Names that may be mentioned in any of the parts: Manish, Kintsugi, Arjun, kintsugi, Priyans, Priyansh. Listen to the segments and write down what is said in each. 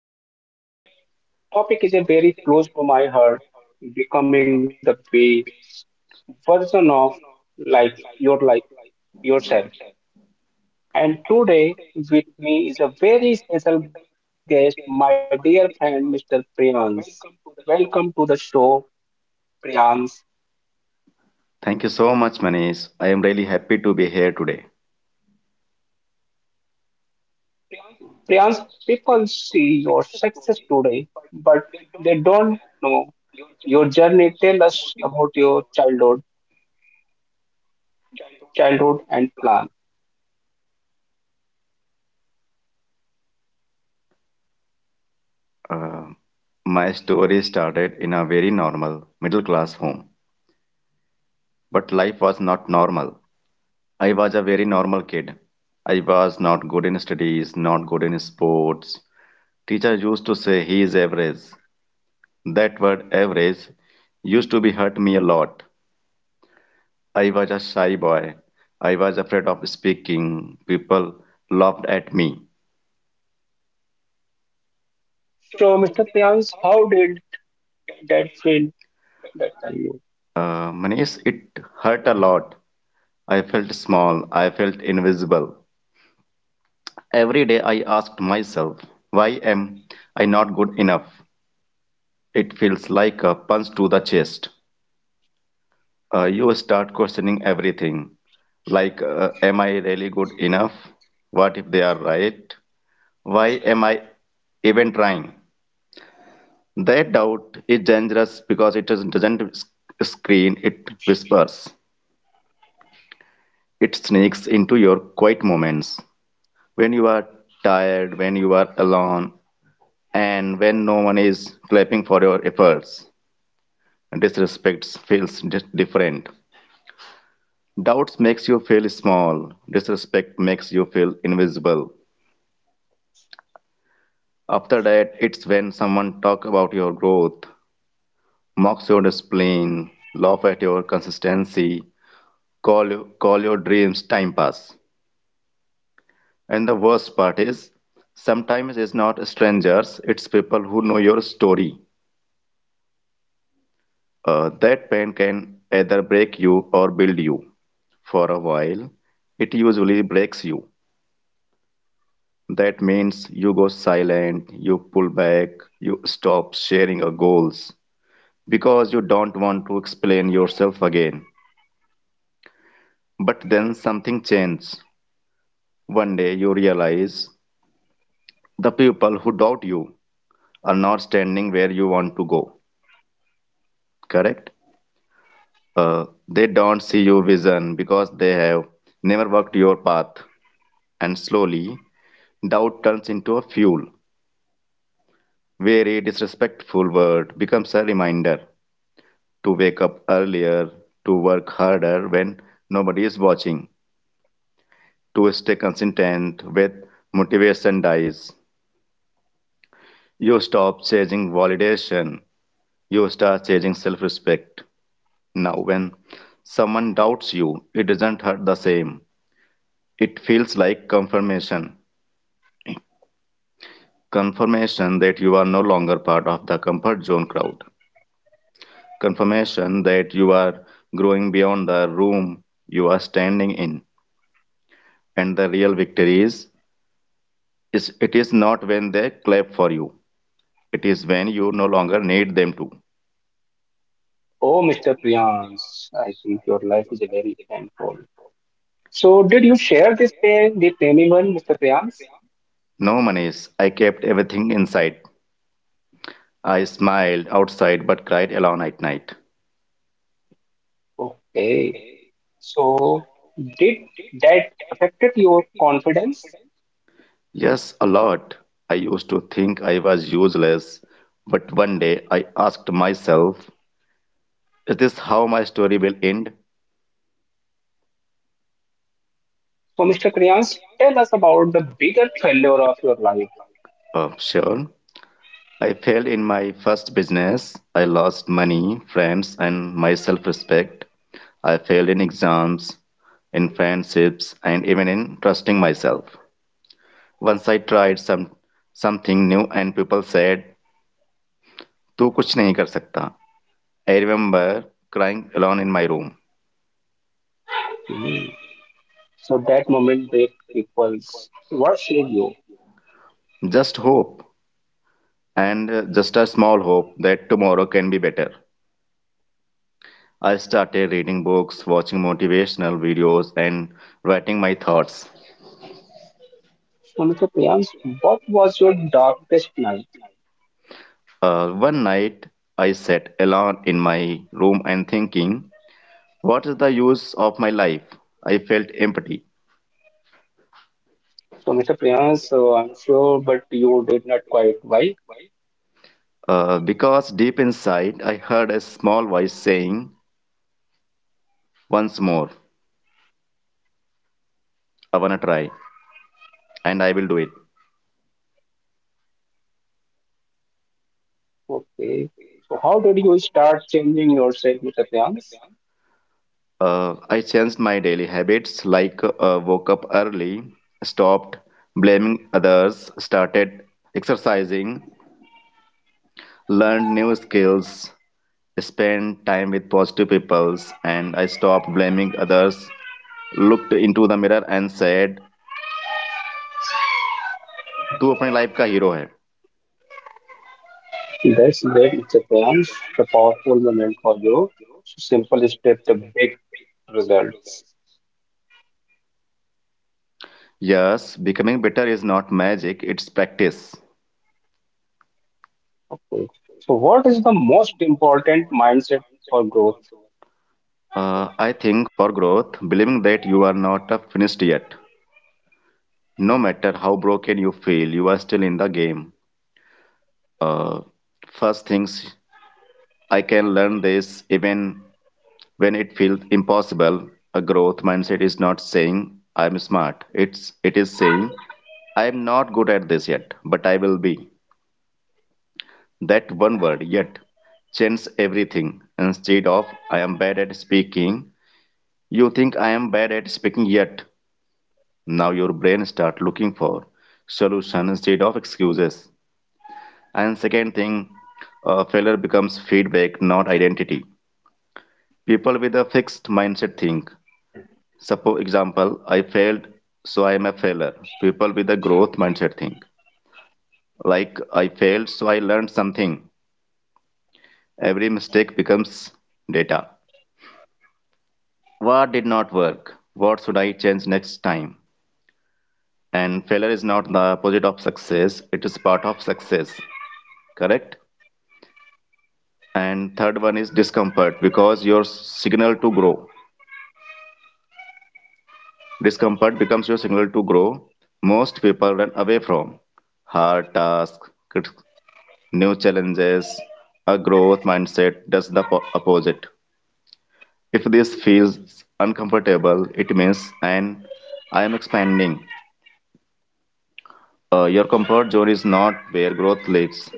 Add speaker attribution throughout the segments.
Speaker 1: dream. Today topic is a very close to my heart, becoming the best version of life, your life yourself. And today with me is a very special guest, my dear friend Mr. Priyans. Welcome to the show, Priyans.
Speaker 2: Thank you so much, Manish. I am really happy to be here today.
Speaker 1: Priyans, people see your success today, but they don't know your journey. Tell us about your childhood, and plan.
Speaker 2: Uh, my story started in a very normal middle class home, but life was not normal. I was a very normal kid. I was not good in studies, not good in sports. Teacher used to say he is average. That word average used to be hurt me a lot. I was a shy boy. I was afraid of speaking. People laughed at me.
Speaker 1: So, Mr. Priyans, how did? That field that I know.
Speaker 2: Manish, it hurt a lot. I felt small. I felt invisible. Every day I asked myself, why am I not good enough? It feels like a punch to the chest. You start questioning everything. Like, am I really good enough? What if they are right? Why am I even trying? That doubt is dangerous because it doesn't screen, it whispers. It sneaks into your quiet moments when you are tired, when you are alone, and when no one is clapping for your efforts. Disrespect feels different. Doubts makes you feel small. Disrespect makes you feel invisible. After that, it's when someone talk about your growth, mocks your discipline, laugh at your consistency, call your dreams time pass. And the worst part is, sometimes it's not strangers; it's people who know your story. That pain can either break you or build you. For a while, it usually breaks you. That means you go silent, you pull back, you stop sharing your goals because you don't want to explain yourself again. But then something changes. One day you realize the people who doubt you are not standing where you want to go, correct? Uh, they don't see your vision because they have never walked your path. And slowly, doubt turns into a fuel, where a disrespectful word becomes a reminder to wake up earlier, to work harder when nobody is watching, to stay consistent with motivation dies. You stop chasing validation, you start chasing self respect. Now, when someone doubts you, it doesn't hurt the same. It feels like confirmation that you are no longer part of the comfort zone crowd. Confirmation that you are growing beyond the room you are standing in. And the real victory is, it is not when they clap for you. It is when you no longer need them to.
Speaker 1: Oh, Mr. Priyansh, I think your life is very painful. So, did you share this pain with anyone, Mr. Priyansh?
Speaker 2: No, Manish, I kept everything inside. I smiled outside but cried alone at night.
Speaker 1: Okay. So, did that affected your confidence?
Speaker 2: Yes, a lot. I used to think I was useless, but one day I asked myself, is this how my story will end?
Speaker 1: So, Mr. Priyansh, tell us about the bigger failure of your life.
Speaker 2: Sure. I failed in my first business. I lost money, friends, and my self respect. I failed in exams, in friendships, and even in trusting myself. Once I tried something new and people said, तू कुछ नहीं कर सकता. I remember crying alone in my room.
Speaker 1: Hmm. So, that moment break people's what saved you?
Speaker 2: Just hope and just a small hope that tomorrow can be better. I started reading books, watching motivational videos and writing my thoughts.
Speaker 1: So, Mr. Priyansh, what was your darkest night?
Speaker 2: One night, I sat alone in my room and thinking, what is the use of my life? I felt empty.
Speaker 1: So, Mr. Priyansh, I'm sure, but you did not quite. Why?
Speaker 2: Because deep inside, I heard a small voice saying, once more, I wanna try, and I will do it.
Speaker 1: Okay. So how did you start changing yourself, Mr. Priyansh?
Speaker 2: I changed my daily habits like woke up early, stopped blaming others, started exercising, learned new skills, spend time with positive people, and I stop blaming others. Looked into the mirror and said, "Tu apne life ka hero hai."
Speaker 1: That's great, Mr. Priyansh. The powerful moment for you. So simple step, the big results.
Speaker 2: Yes, becoming better is not magic; it's practice.
Speaker 1: Okay. So what is the most important mindset for growth?
Speaker 2: I think for growth, believing that you are not finished yet, no matter how broken you feel, you are still in the game. First things I can learn this even. When it feels impossible, a growth mindset is not saying I'm smart. It is saying I'm not good at this yet, but I will be. That one word yet changes everything. Instead of I am bad at speaking, you think I am bad at speaking yet. Now your brain start looking for solution instead of excuses. And second thing, failure becomes feedback, not identity. People with a fixed mindset think, suppose example, I failed, so I am a failure. People with a growth mindset think like I failed, so I learned something. Every mistake becomes data. What did not work? What should I change next time? And failure is not the opposite of success, it is part of success. Correct? And third one is discomfort because your signal to grow. Discomfort becomes your signal to grow. Most people run away from hard tasks, new challenges. A growth mindset does the opposite. If this feels uncomfortable, it means and I am expanding. Your comfort zone is not where growth lives.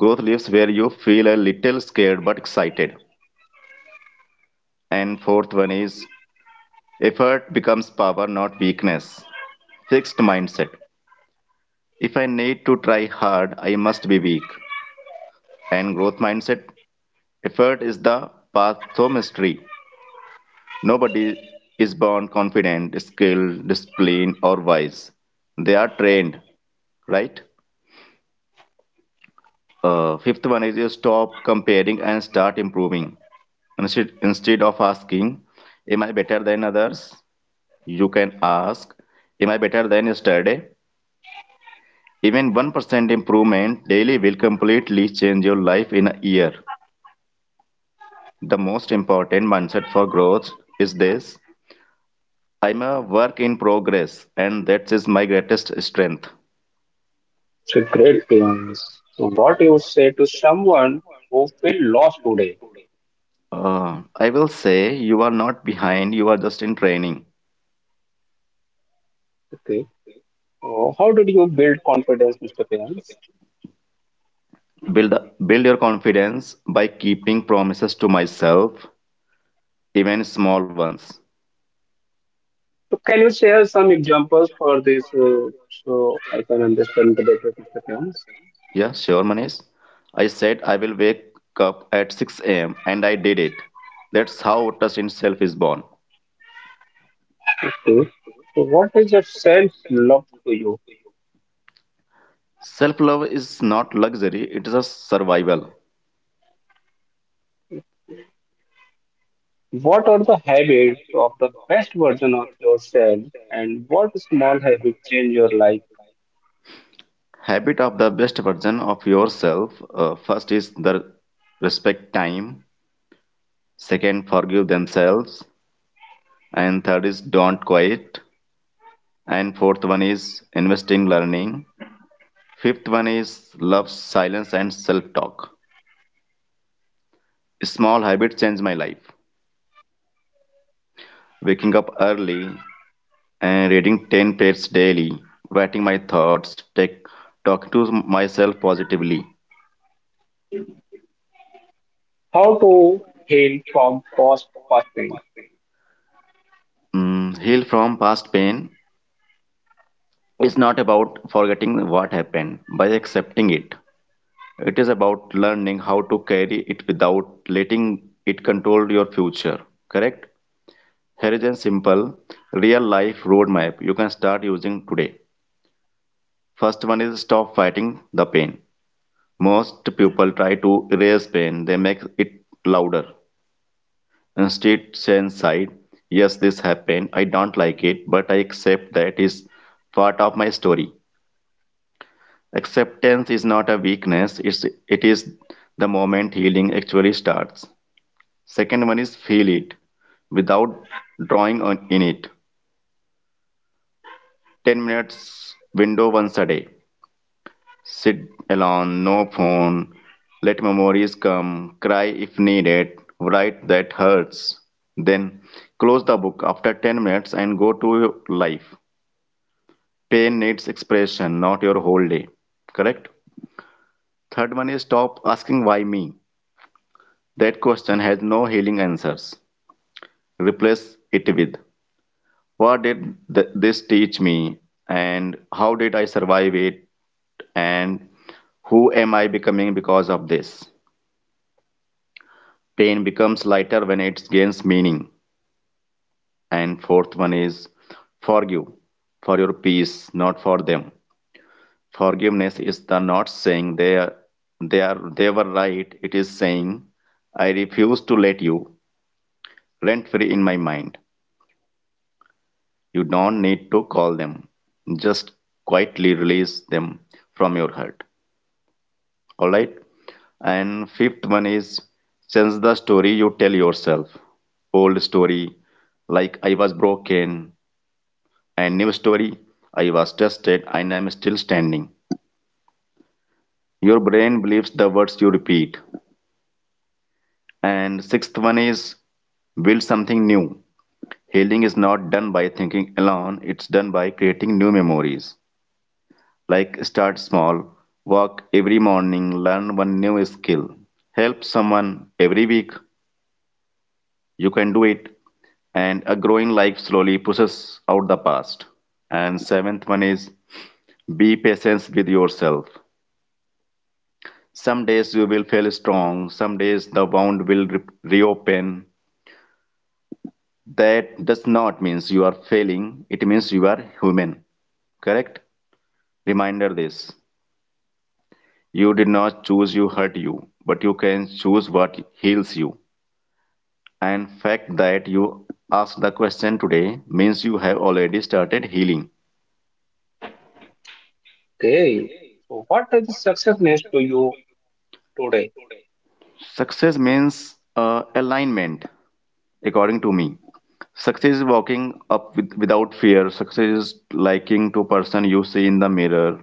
Speaker 2: Growth lives where you feel a little scared but excited. And fourth one is effort becomes power, not weakness. Fixed mindset. If I need to try hard, I must be weak. And growth mindset. Effort is the path to mastery. Nobody is born confident, skilled, disciplined, or wise. They are trained, right? Fifth one is you stop comparing and start improving. Instead of asking, am I better than others? You can ask, am I better than yesterday? Even 1% improvement daily will completely change your life in a year. The most important mindset for growth is this: I'm a work in progress, and that is my greatest strength.
Speaker 1: So great Priyansh. So what you would say to someone who feel lost today?
Speaker 2: I will say you are not behind, you are just in training.
Speaker 1: Okay. So how did you build confidence, Mr. Priyansh?
Speaker 2: Build build your confidence by keeping promises to myself, even small ones.
Speaker 1: So can you share some examples for this so I can understand the better, Mr. Priyansh?
Speaker 2: Yeah, sure, Manish. I said I will wake up at 6 a.m. and I did it. That's how trust in self is born.
Speaker 1: Okay. So what is your self-love to you?
Speaker 2: Self-love is not luxury, it is a survival.
Speaker 1: What are the habits of the best version of yourself and what small habit change your life?
Speaker 2: Habit of the best version of yourself. First is the respect time. Second, forgive themselves, and third is don't quit, and fourth one is invest in learning, fifth one is love silence and self talk. Small habits change my life: waking up early and reading 10 pages daily, writing my thoughts, take talking to myself positively.
Speaker 1: How to heal from past fasting?
Speaker 2: Heal from past pain is not about forgetting what happened by accepting it, it is about learning how to carry it without letting it control your future, correct? Here is a simple real life roadmap you can start using today. First one is stop fighting the pain. Most people try to erase pain, they make it louder. Instead, say inside, yes, this happened, I don't like it, but I accept that is part of my story. Acceptance is not a weakness, it is the moment healing actually starts. Second one is feel it without drawing on in it. 10 minutes window once a day. Sit alone, no phone, let memories come, cry if needed, write that hurts. Then close the book after 10 minutes and go to your life. Pain needs expression, not your whole day. Correct? Third one is stop asking why me. That question has no healing answers. Replace it with what did this teach me, and how did I survive it, and who am I becoming because of this? Pain becomes lighter when it gains meaning. And fourth one is forgive for your peace, not for them. Forgiveness is the not saying they are they were right. It is saying I refuse to let you rent free in my mind. You don't need to call them. Just quietly release them from your heart. All right. And fifth one is change the story you tell yourself. Old story like I was broken, I never story. I was tested and I'm still standing. Your brain believes the words you repeat. And sixth one is build something new. Healing is not done by thinking alone, it's done by creating new memories. Like start small, walk every morning, learn one new skill, help someone every week. You can do it. And a growing life slowly pushes out the past. And seventh one is be patient with yourself. Some days you will feel strong, some days the wound will reopen. That does not means you are failing, it means you are human. Correct? Reminder this. You did not choose you hurt you, but you can choose what heals you. And fact that you asked the question today means you have already started healing.
Speaker 1: Okay. So what is the success means to you today?
Speaker 2: Success means alignment, according to me. Success is walking up with, without fear. Success is liking to person you see in the mirror.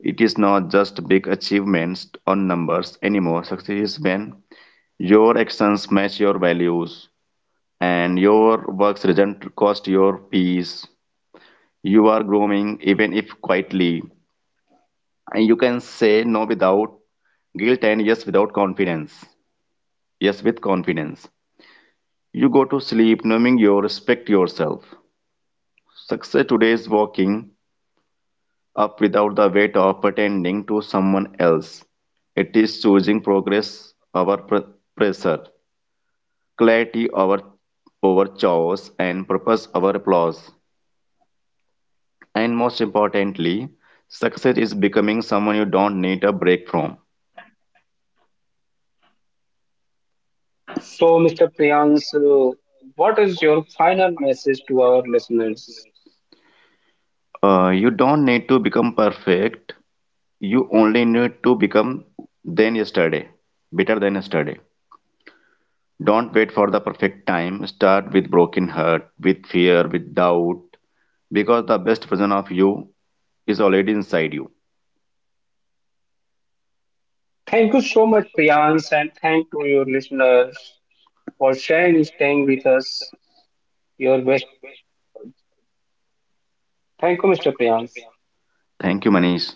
Speaker 2: It is not just big achievements or numbers anymore. Success is when your actions match your values and your work's doesn't cost your peace. You are growing even if quietly. And you can say no without guilt and yes without confidence. Yes with confidence. You go to sleep knowing you respect yourself. Success today is waking up without the weight of pretending to someone else. It is choosing progress over pressure, clarity over, over chaos, and purpose over applause. And most importantly, success is becoming someone you don't need a break from.
Speaker 1: So Mr. Priyansh, what is your final message to our listeners?
Speaker 2: You don't need to become perfect, you only need to become than yesterday, better than yesterday. Don't wait for the perfect time. Start with broken heart, with fear, with doubt, because the best version of you is already inside you.
Speaker 1: Thank you so much, Priyansh, and thank to your listeners for sharing, staying with us, your best. Thank you, Mr. Priyansh.
Speaker 2: Thank you, Manish.